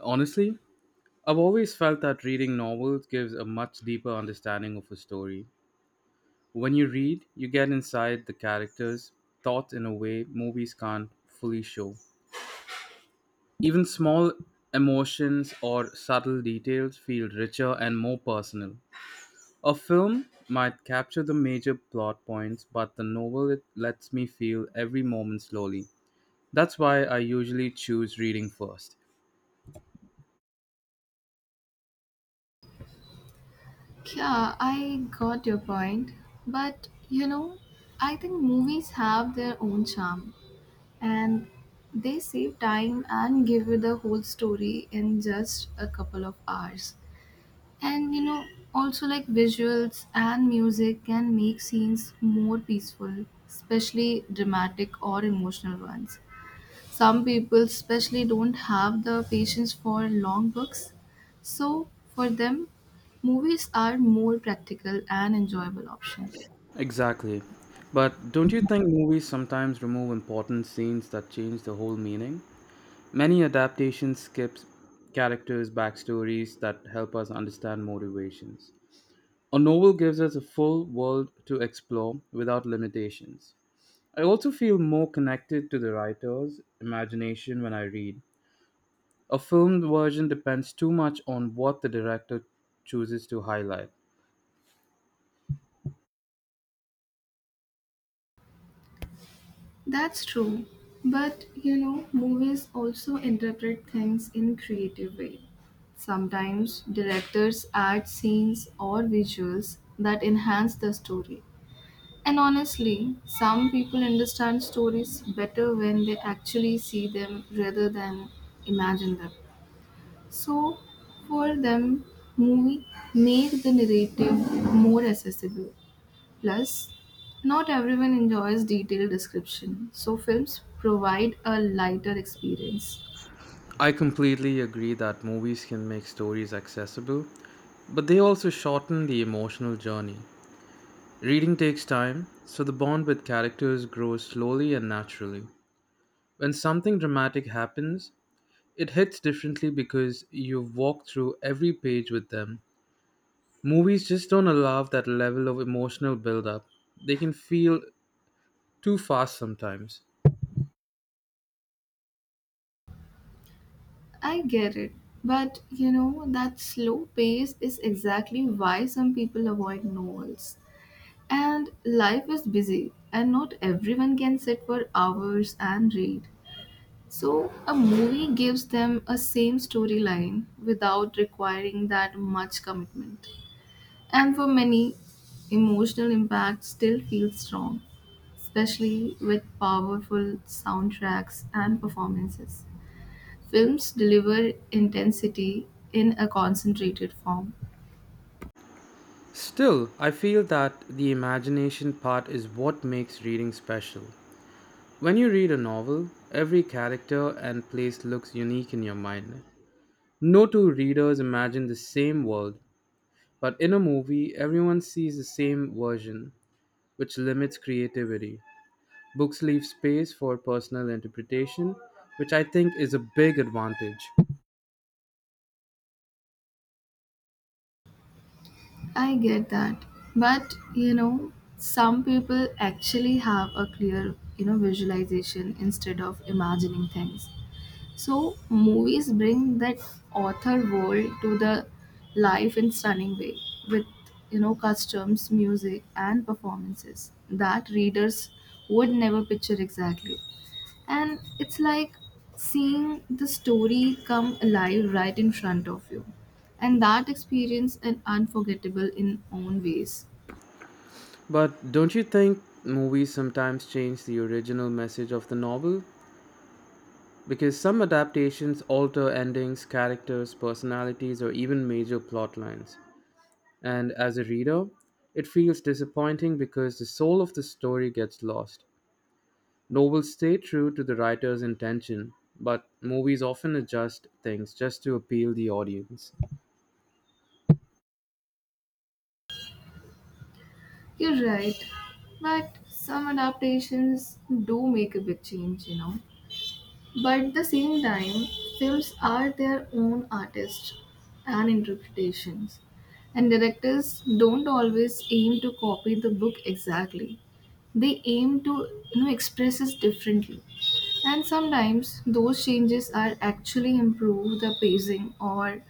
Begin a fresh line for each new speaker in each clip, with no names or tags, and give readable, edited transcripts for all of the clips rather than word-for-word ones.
Honestly, I've always felt that reading novels gives a much deeper understanding of a story. When you read, you get inside the characters' thoughts in a way movies can't fully show. Even small emotions or subtle details feel richer and more personal. A film might capture the major plot points, but the novel it lets me feel every moment slowly. That's why I usually choose reading first.
Yeah, I got your point. But you know, I think movies have their own charm and they save time and give you the whole story in just a couple of hours. And you know, also like visuals and music can make scenes more peaceful, especially dramatic or emotional ones. Some people, especially, don't have the patience for long books. So, for them, movies are more practical and enjoyable option.
Exactly. But don't you think movies sometimes remove important scenes that change the whole meaning? Many adaptations skips characters' backstories that help us understand motivations. A novel gives us a full world to explore without limitations. I also feel more connected to the writer's imagination when I read. A film version depends too much on what the director chooses to highlight.
That's true. But you know, movies also interpret things in creative way. Sometimes directors add scenes or visuals that enhance the story. And honestly, some people understand stories better when they actually see them rather than imagine them. So, for them, movie make the narrative more accessible. Plus, not everyone enjoys detailed description, so films provide a lighter experience.
I completely agree that movies can make stories accessible, but they also shorten the emotional journey. Reading takes time, so the bond with characters grows slowly and naturally. When something dramatic happens, it hits differently because you've walked through every page with them. Movies just don't allow that level of emotional buildup, they can feel too fast sometimes.
I get it, but you know that slow pace is exactly why some people avoid novels. And life is busy, and not everyone can sit for hours and read. So a movie gives them a same storyline without requiring that much commitment. And for many, emotional impact still feels strong, especially with powerful soundtracks and performances. Films deliver intensity in a concentrated form.
Still, I feel that the imagination part is what makes reading special. When you read a novel, every character and place looks unique in your mind. No two readers imagine the same world, but in a movie, everyone sees the same version, which limits creativity. Books leave space for personal interpretation, which I think is a big advantage.
I get that. But, you know, some people actually have a clear, you know, visualization instead of imagining things. So, movies bring that author world to the life in stunning way with, you know, customs, music and performances that readers would never picture exactly. And it's like seeing the story come alive right in front of you. And that experience is unforgettable in own ways.
But don't you think movies sometimes change the original message of the novel? Because some adaptations alter endings, characters, personalities, or even major plot lines. And as a reader, it feels disappointing because the soul of the story gets lost. Novels stay true to the writer's intention, but movies often adjust things just to appeal the audience.
You're right. But some adaptations do make a big change, you know. But at the same time, films are their own artists and interpretations, and directors don't always aim to copy the book exactly. They aim to you know, express it differently. And sometimes those changes are actually improve the pacing or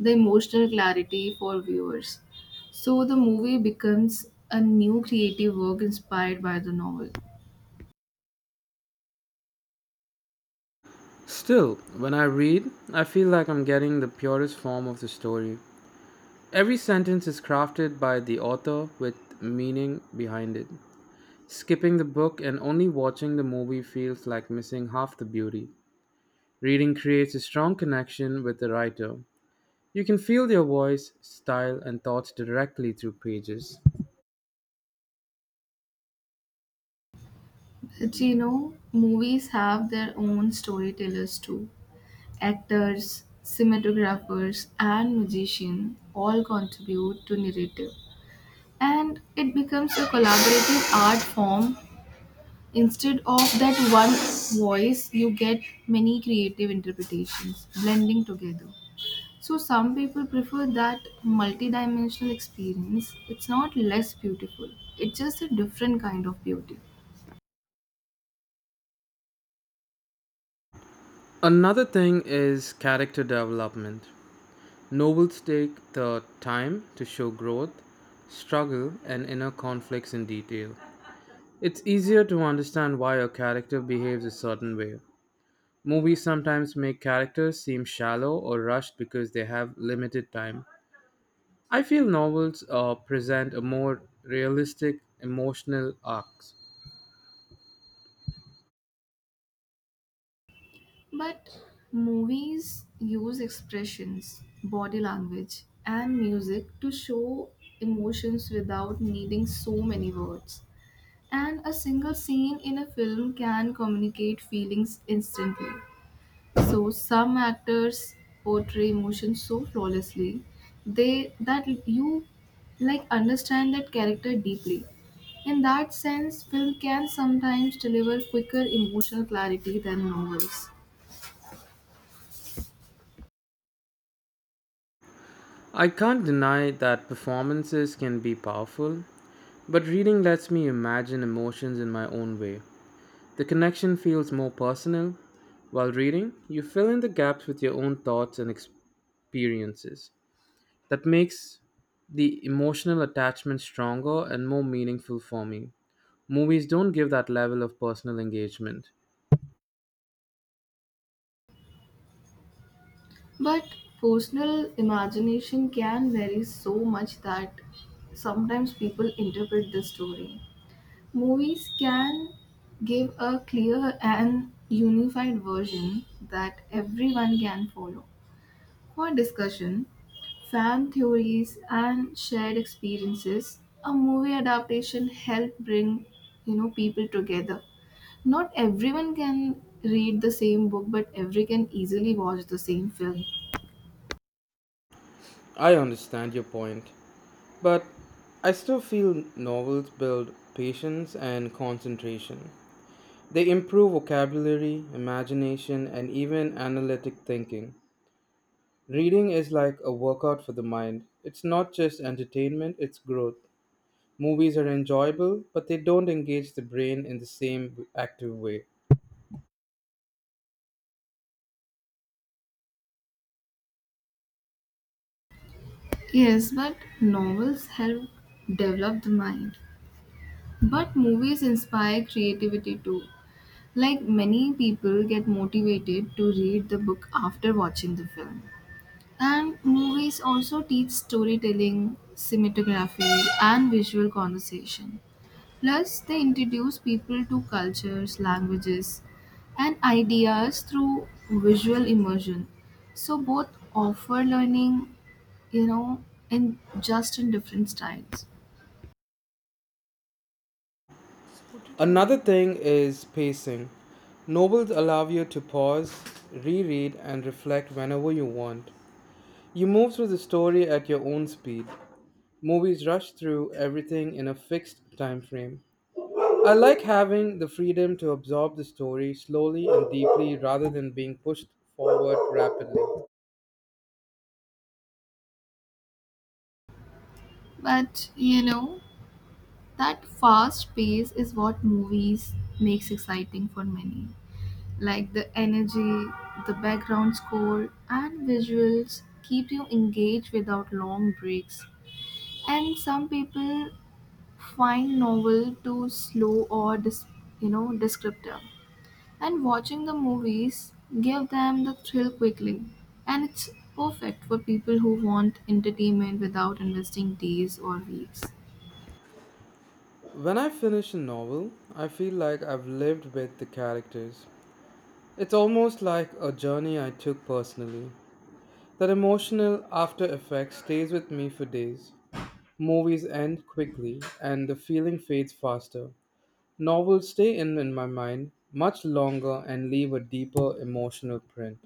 the emotional clarity for viewers. So the movie becomes a new creative work inspired by the novel.
Still, when I read, I feel like I'm getting the purest form of the story. Every sentence is crafted by the author with meaning behind it. Skipping the book and only watching the movie feels like missing half the beauty. Reading creates a strong connection with the writer. You can feel their voice, style, and thoughts directly through pages.
Do you know, movies have their own storytellers too. Actors, cinematographers, and musicians all contribute to narrative. And it becomes a collaborative art form. Instead of that one voice, you get many creative interpretations blending together. So, some people prefer that multidimensional experience. It's not less beautiful, it's just a different kind of beauty.
Another thing is character development. Novels take the time to show growth, struggle, and inner conflicts in detail. It's easier to understand why a character behaves a certain way. Movies sometimes make characters seem shallow or rushed because they have limited time. I feel novels present a more realistic emotional arcs.
But movies use expressions, body language, and music to show emotions without needing so many words. And a single scene in a film can communicate feelings instantly. So some actors portray emotions so flawlessly they that you like understand that character deeply. In that sense, film can sometimes deliver quicker emotional clarity than novels.
I can't deny that performances can be powerful, but reading lets me imagine emotions in my own way. The connection feels more personal. While reading, you fill in the gaps with your own thoughts and experiences. That makes the emotional attachment stronger and more meaningful for me. Movies don't give that level of personal engagement.
But personal imagination can vary so much that sometimes people interpret the story. Movies can give a clear and unified version that everyone can follow. For discussion, fan theories and shared experiences, a movie adaptation help bring, you know, people together. Not everyone can read the same book, but every can easily watch the same film.
I understand your point, but I still feel novels build patience and concentration. They improve vocabulary, imagination, and even analytic thinking. Reading is like a workout for the mind. It's not just entertainment, it's growth. Movies are enjoyable, but they don't engage the brain in the same active way.
Yes, but novels help develop the mind. But movies inspire creativity too. Like many people get motivated to read the book after watching the film. And movies also teach storytelling, cinematography, and visual conversation. Plus, they introduce people to cultures, languages, and ideas through visual immersion. So both offer learning, you know, in different styles.
Another thing is pacing. Novels allow you to pause, reread, and reflect whenever you want. You move through the story at your own speed. Movies rush through everything in a fixed time frame. I like having the freedom to absorb the story slowly and deeply rather than being pushed forward rapidly.
But you know, that fast pace is what movies makes exciting for many. Like the energy, the background score, and visuals keep you engaged without long breaks. And some people find novel too slow or you know descriptive and watching the movies give them the thrill quickly and it's perfect for people who want entertainment without investing days or weeks.
When I finish a novel, I feel like I've lived with the characters. It's almost like a journey I took personally. That emotional after effect stays with me for days. Movies end quickly and the feeling fades faster. Novels stay in my mind much longer and leave a deeper emotional print.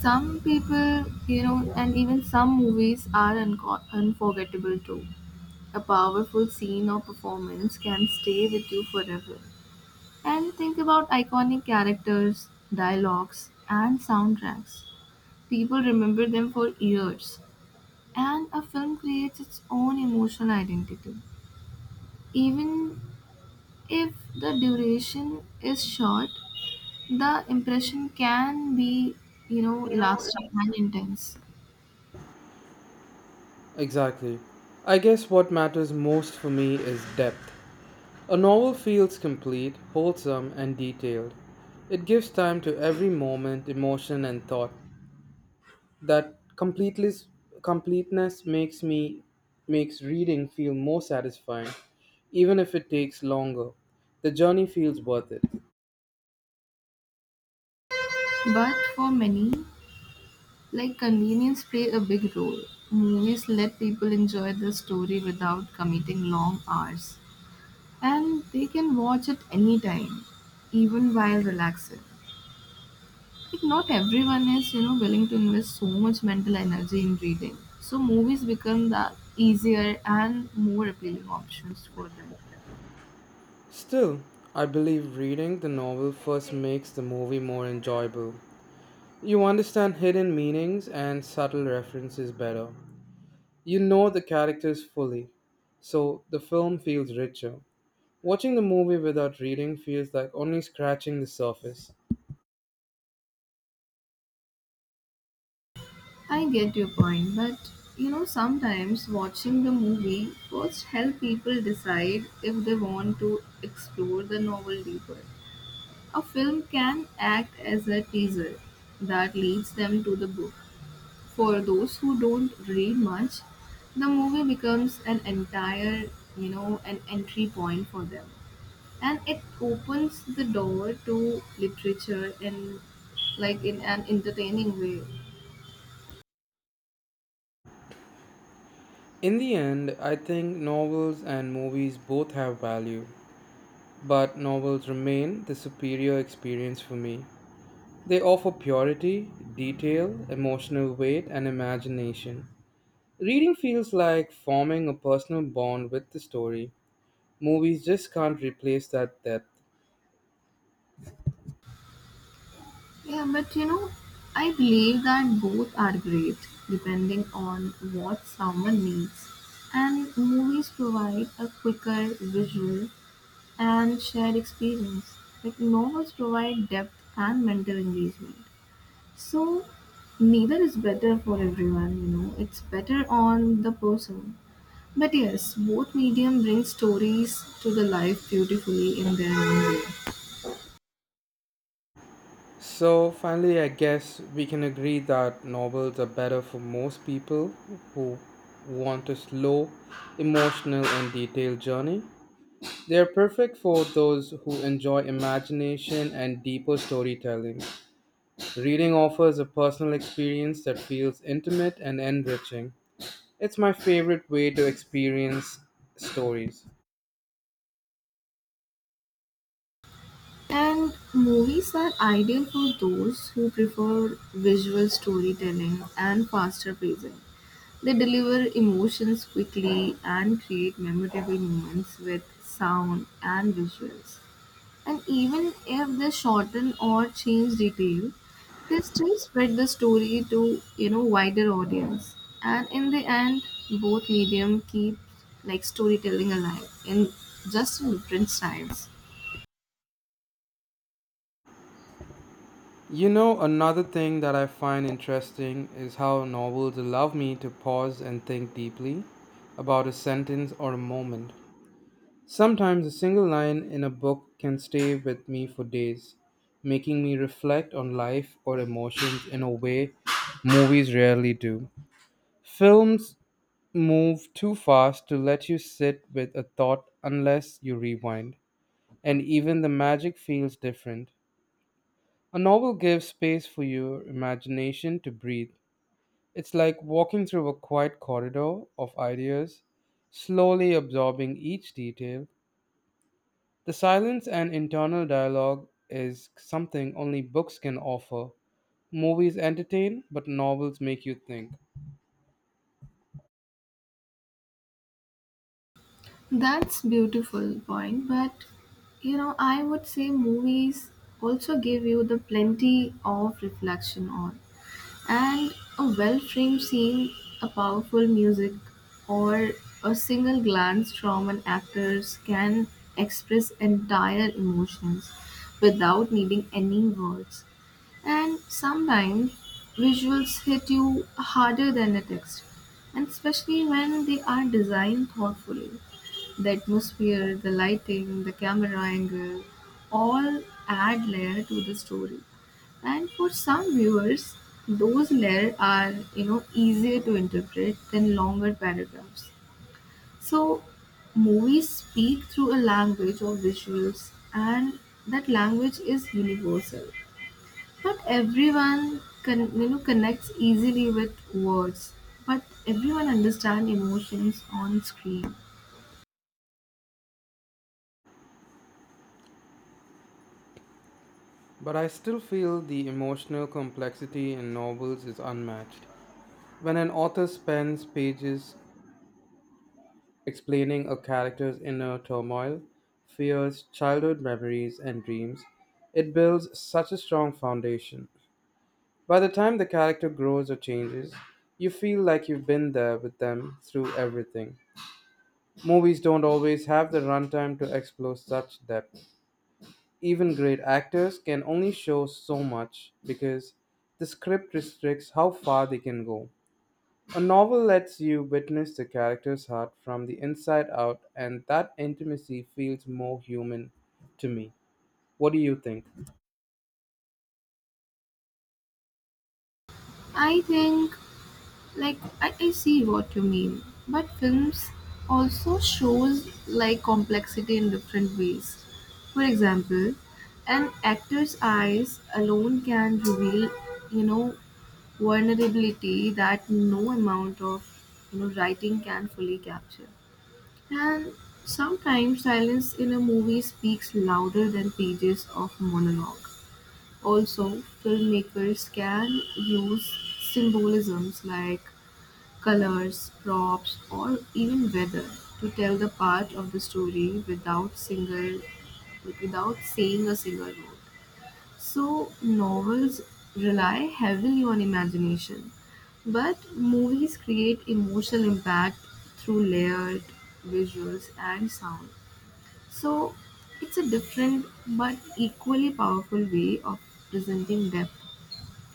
Some people, you know, and even some movies are unforgettable too. A powerful scene or performance can stay with you forever. And think about iconic characters, dialogues and soundtracks. People remember them for years, and a film creates its own emotional identity. Even if the duration is short, the impression can be, you know, lasting and intense.
Exactly. I guess what matters most for me is depth. A novel feels complete, wholesome, and detailed. It gives time to every moment, emotion, and thought. That completeness makes reading feel more satisfying, even if it takes longer. The journey feels worth it.
But for many, like convenience play a big role. Movies let people enjoy the story without committing long hours, and they can watch it anytime, even while relaxing. Like not everyone is, you know, willing to invest so much mental energy in reading. So movies become the easier and more appealing options for them.
Still, I believe reading the novel first makes the movie more enjoyable. You understand hidden meanings and subtle references better. You know the characters fully, so the film feels richer. Watching the movie without reading feels like only scratching the surface.
I get your point, but you know, sometimes watching the movie first help people decide if they want to explore the novel deeper. A film can act as a teaser that leads them to the book. For those who don't read much, the movie becomes an entire, you know, an entry point for them. And it opens the door to literature in like in an entertaining way.
In the end, I think novels and movies both have value, but novels remain the superior experience for me. They offer purity, detail, emotional weight, and imagination. Reading feels like forming a personal bond with the story. Movies just can't replace that depth.
Yeah, but you know, I believe that both are great depending on what someone needs. And movies provide a quicker visual and shared experience. Like novels provide depth and mental engagement. So neither is better for everyone, you know. It's better on the person. But yes, both medium bring stories to the life beautifully in their own way.
So, finally, I guess we can agree that novels are better for most people who want a slow, emotional, and detailed journey. They are perfect for those who enjoy imagination and deeper storytelling. Reading offers a personal experience that feels intimate and enriching. It's my favorite way to experience stories.
And movies are ideal for those who prefer visual storytelling and faster pacing. They deliver emotions quickly and create memorable moments with sound and visuals. And even if they shorten or change detail, they still spread the story to you know wider audience. And in the end, both medium keep like storytelling alive in different styles.
You know, another thing that I find interesting is how novels allow me to pause and think deeply about a sentence or a moment. Sometimes a single line in a book can stay with me for days, making me reflect on life or emotions in a way movies rarely do. Films move too fast to let you sit with a thought unless you rewind, and even the magic feels different. A novel gives space for your imagination to breathe. It's like walking through a quiet corridor of ideas, slowly absorbing each detail. The silence and internal dialogue is something only books can offer. Movies entertain, but novels make you think.
That's beautiful point, but you know I would say movies also give you the plenty of reflection on and a well framed scene, a powerful music, or a single glance from an actor can express entire emotions without needing any words. And sometimes visuals hit you harder than a text, and especially when they are designed thoughtfully. The atmosphere, the lighting, the camera angle all add layer to the story. And for some viewers, those layers are you know easier to interpret than longer paragraphs. So movies speak through a language of visuals, and that language is universal. Not everyone can you know connects easily with words, but everyone understands emotions on screen.
But I still feel the emotional complexity in novels is unmatched. When an author spends pages explaining a character's inner turmoil, fears, childhood memories, and dreams, it builds such a strong foundation. By the time the character grows or changes, you feel like you've been there with them through everything. Movies don't always have the runtime to explore such depth. Even great actors can only show so much because the script restricts how far they can go. A novel lets you witness the character's heart from the inside out, and that intimacy feels more human to me. What do you think?
I think like I see what you mean, but films also shows like complexity in different ways. For example, an actor's eyes alone can reveal, you know, vulnerability that no amount of, you know, writing can fully capture. And sometimes silence in a movie speaks louder than pages of monologue. Also, filmmakers can use symbolisms like colors, props, or even weather to tell the part of the story without single like without saying a single word. So novels rely heavily on imagination, but movies create emotional impact through layered visuals and sound. So it's a different but equally powerful way of presenting depth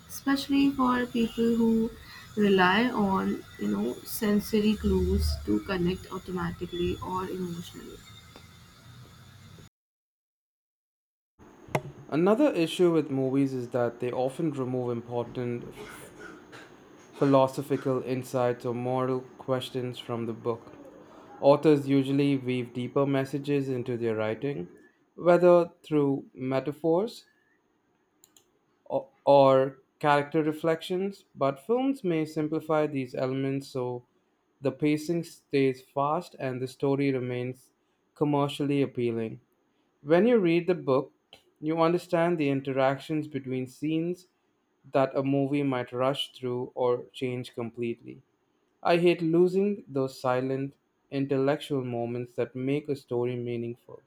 especially for people who rely on you know sensory clues to connect automatically or emotionally.
Another issue with movies is that they often remove important philosophical insights or moral questions from the book. Authors usually weave deeper messages into their writing, whether through metaphors, or character reflections, but films may simplify these elements so the pacing stays fast and the story remains commercially appealing. When you read the book, you understand the interactions between scenes that a movie might rush through or change completely. I hate losing those silent, intellectual moments that make a story meaningful.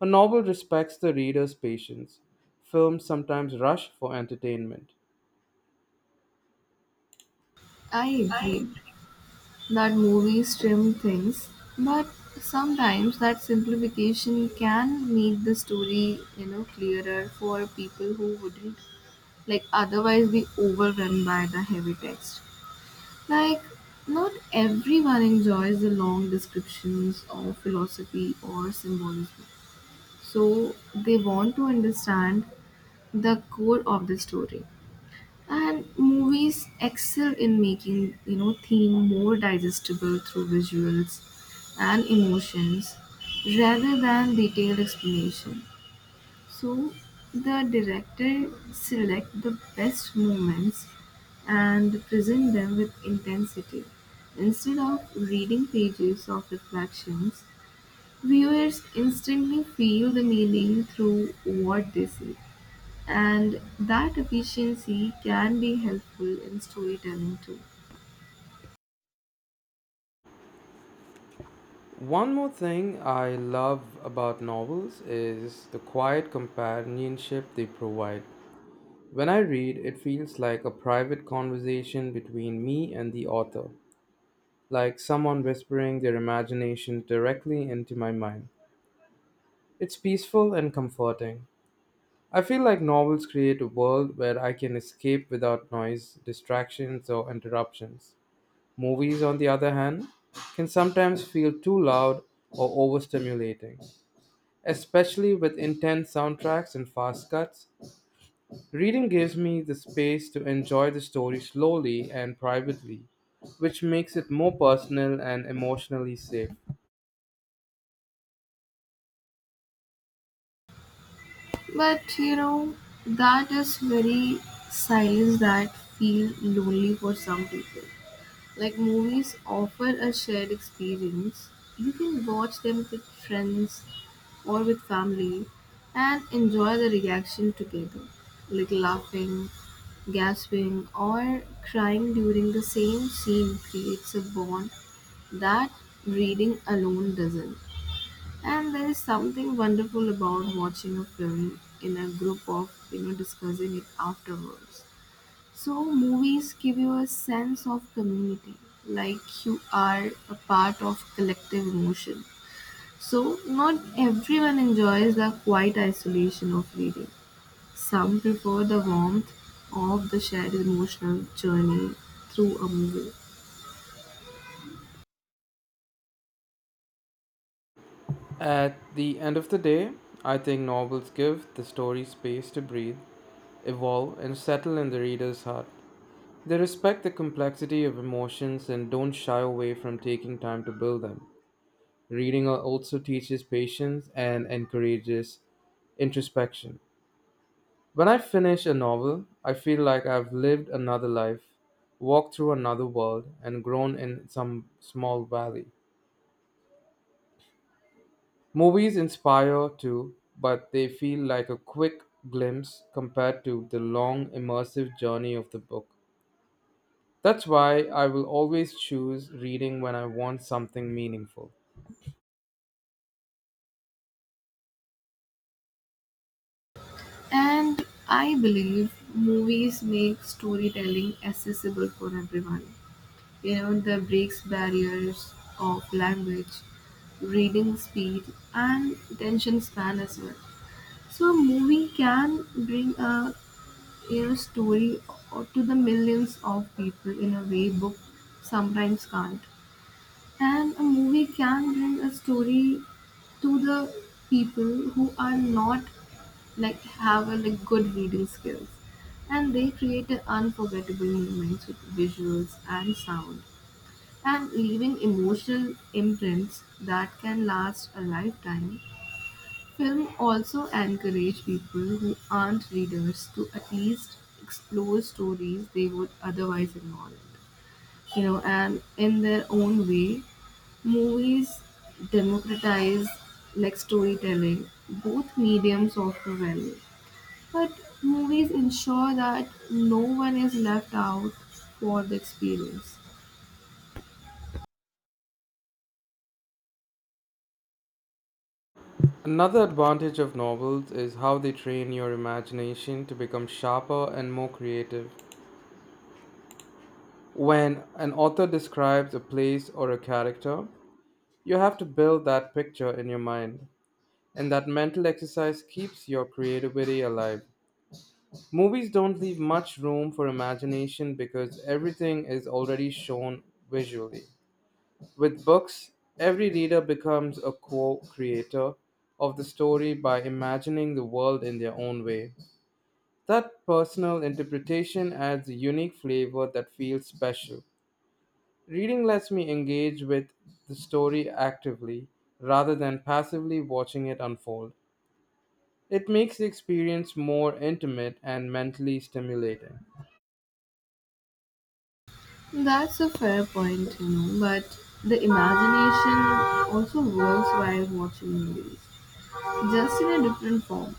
A novel respects the reader's patience. Films sometimes rush for entertainment.
I
Right.
agree that movies trim things but sometimes that simplification can make the story you know clearer for people who wouldn't like otherwise be overwhelmed by the heavy text. Like not everyone enjoys the long descriptions of philosophy or symbolism. So they want to understand the core of the story. And movies excel in making, you know, theme more digestible through visuals and emotions rather than detailed explanation. So the director select the best moments and present them with intensity instead of reading pages of reflections. Viewers instantly feel the meaning through what they see, and that efficiency can be helpful in storytelling too.
One more thing I love about novels is the quiet companionship they provide. When I read, it feels like a private conversation between me and the author, like someone whispering their imagination directly into my mind. It's peaceful and comforting. I feel like novels create a world where I can escape without noise, distractions, or interruptions. Movies, on the other hand, can sometimes feel too loud or overstimulating, especially with intense soundtracks and fast cuts. Reading gives me the space to enjoy the story slowly and privately, which makes it more personal and emotionally safe.
But you know, that is very silence that feel lonely for some people. Like movies offer a shared experience. You can watch them with friends or with family and enjoy the reaction together, like laughing, gasping, or crying during the same scene creates a bond that reading alone doesn't. And there is something wonderful about watching a film in a group of, you know, discussing it afterwards. So, movies give you a sense of community, like you are a part of collective emotion. So, not everyone enjoys the quiet isolation of reading. Some prefer the warmth of the shared emotional journey through a movie.
At the end of the day, I think novels give the story space to breathe, evolve, and settle in the reader's heart. They respect the complexity of emotions and don't shy away from taking time to build them. Reading also teaches patience and encourages introspection. When I finish a novel, I feel like I've lived another life, walked through another world, and grown in some small valley. Movies inspire too, but they feel like a quick glimpse compared to the long, immersive journey of the book. That's why I will always choose reading when I want something meaningful.
And I believe movies make storytelling accessible for everyone. You know, that breaks barriers of language, reading speed, and attention span as well. So a movie can bring a you know story to the millions of people in a way book sometimes can't. And a movie can bring a story to the people who are not like have a like good reading skills and they create an unforgettable moments with visuals and sound and leaving emotional imprints that can last a lifetime. Film also encourage people who aren't readers to at least explore stories they would otherwise ignore. You know, and in their own way, movies democratize like storytelling. Both mediums offer value, but movies ensure that no one is left out for the experience.
Another advantage of novels is how they train your imagination to become sharper and more creative. When an author describes a place or a character, you have to build that picture in your mind, and that mental exercise keeps your creativity alive. Movies don't leave much room for imagination because everything is already shown visually. With books, every reader becomes a co creator of the story by imagining the world in their own way. That personal interpretation adds a unique flavor that feels special. Reading lets me engage with the story actively rather than passively watching it unfold. It makes the experience more intimate and mentally stimulating.
That's a fair point, you know, but the imagination also works while watching movies, just in a different form.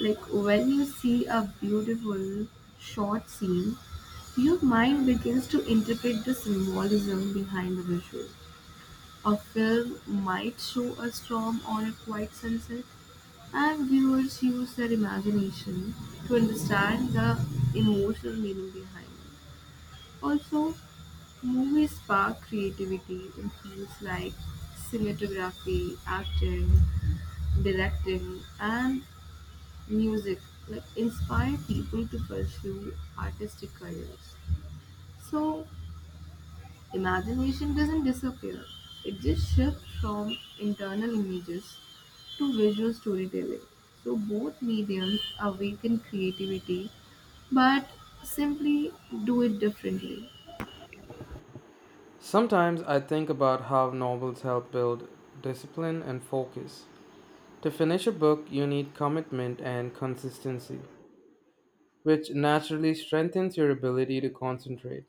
Like when you see a beautiful short scene, your mind begins to interpret the symbolism behind the visual. A film might show a storm or a quiet sunset, and viewers use their imagination to understand the emotional meaning behind it. Also, movies spark creativity in fields like cinematography, acting, directing, and music, like inspire people to pursue artistic careers. So, imagination doesn't disappear, it just shifts from internal images to visual storytelling. So, both mediums awaken creativity but simply do it differently.
Sometimes I think about how novels help build discipline and focus. To finish a book, you need commitment and consistency, which naturally strengthens your ability to concentrate.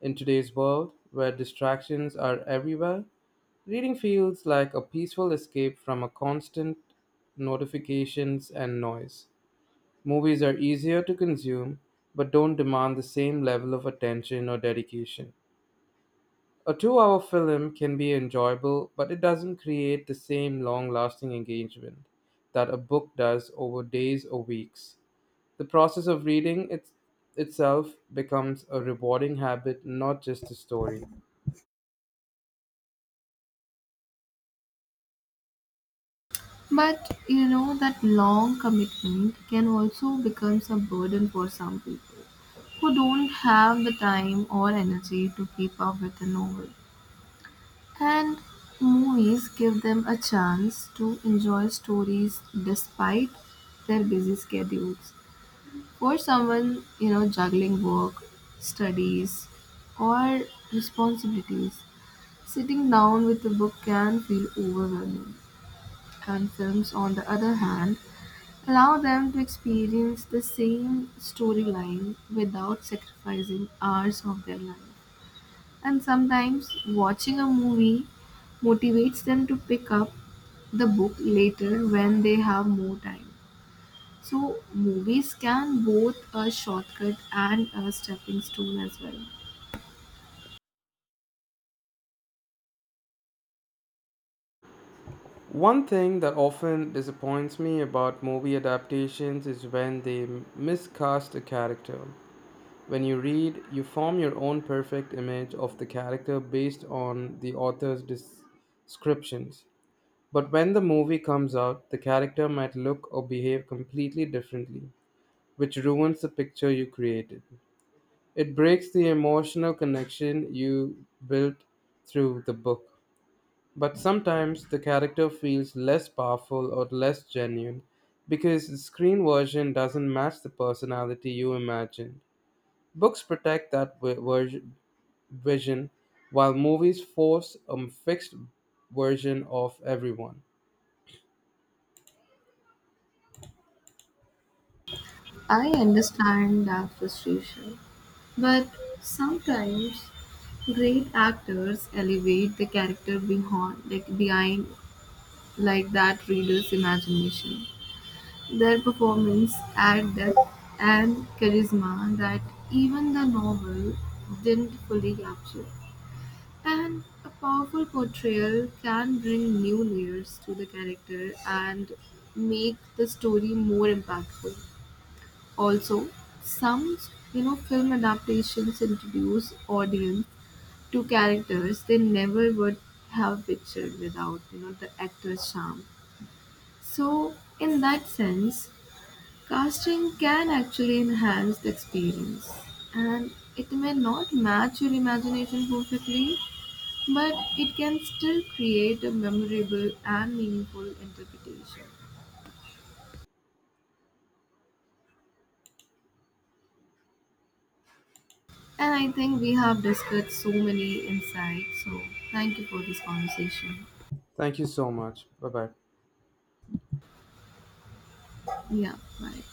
In today's world, where distractions are everywhere, reading feels like a peaceful escape from a constant notifications and noise. Movies are easier to consume, but don't demand the same level of attention or dedication. A 2 hour film can be enjoyable, but it doesn't create the same long lasting engagement that a book does over days or weeks. The process of reading itself becomes a rewarding habit, not just a story.
But you know that long commitment can also become a burden for some people who don't have the time or energy to keep up with a novel. And movies give them a chance to enjoy stories despite their busy schedules. For someone, you know, juggling work, studies, or responsibilities, sitting down with a book can feel overwhelming. And films, on the other hand, allow them to experience the same storyline without sacrificing hours of their life. And sometimes watching a movie motivates them to pick up the book later when they have more time. So, movies can both a shortcut and a stepping stone as well.
One thing that often disappoints me about movie adaptations is when they miscast a character. When you read, you form your own perfect image of the character based on the author's descriptions. But when the movie comes out, the character might look or behave completely differently, which ruins the picture you created. It breaks the emotional connection you built through the book. But sometimes the character feels less powerful or less genuine because the screen version doesn't match the personality you imagined. Books protect that vision, while movies force a fixed version of everyone.
I understand that frustration, but sometimes great actors elevate the character behind, like that reader's imagination. Their performance add depth and charisma that even the novel didn't fully capture. And a powerful portrayal can bring new layers to the character and make the story more impactful. Also, some you know film adaptations introduce audience to characters they never would have pictured without you know the actor's charm so, in that sense, casting can actually enhance the experience. And it may not match your imagination perfectly, but it can still create a memorable and meaningful interpretation. And I think we have discussed so many insights. So, thank you for this conversation.
Thank you so much. Bye bye.
Yeah, bye.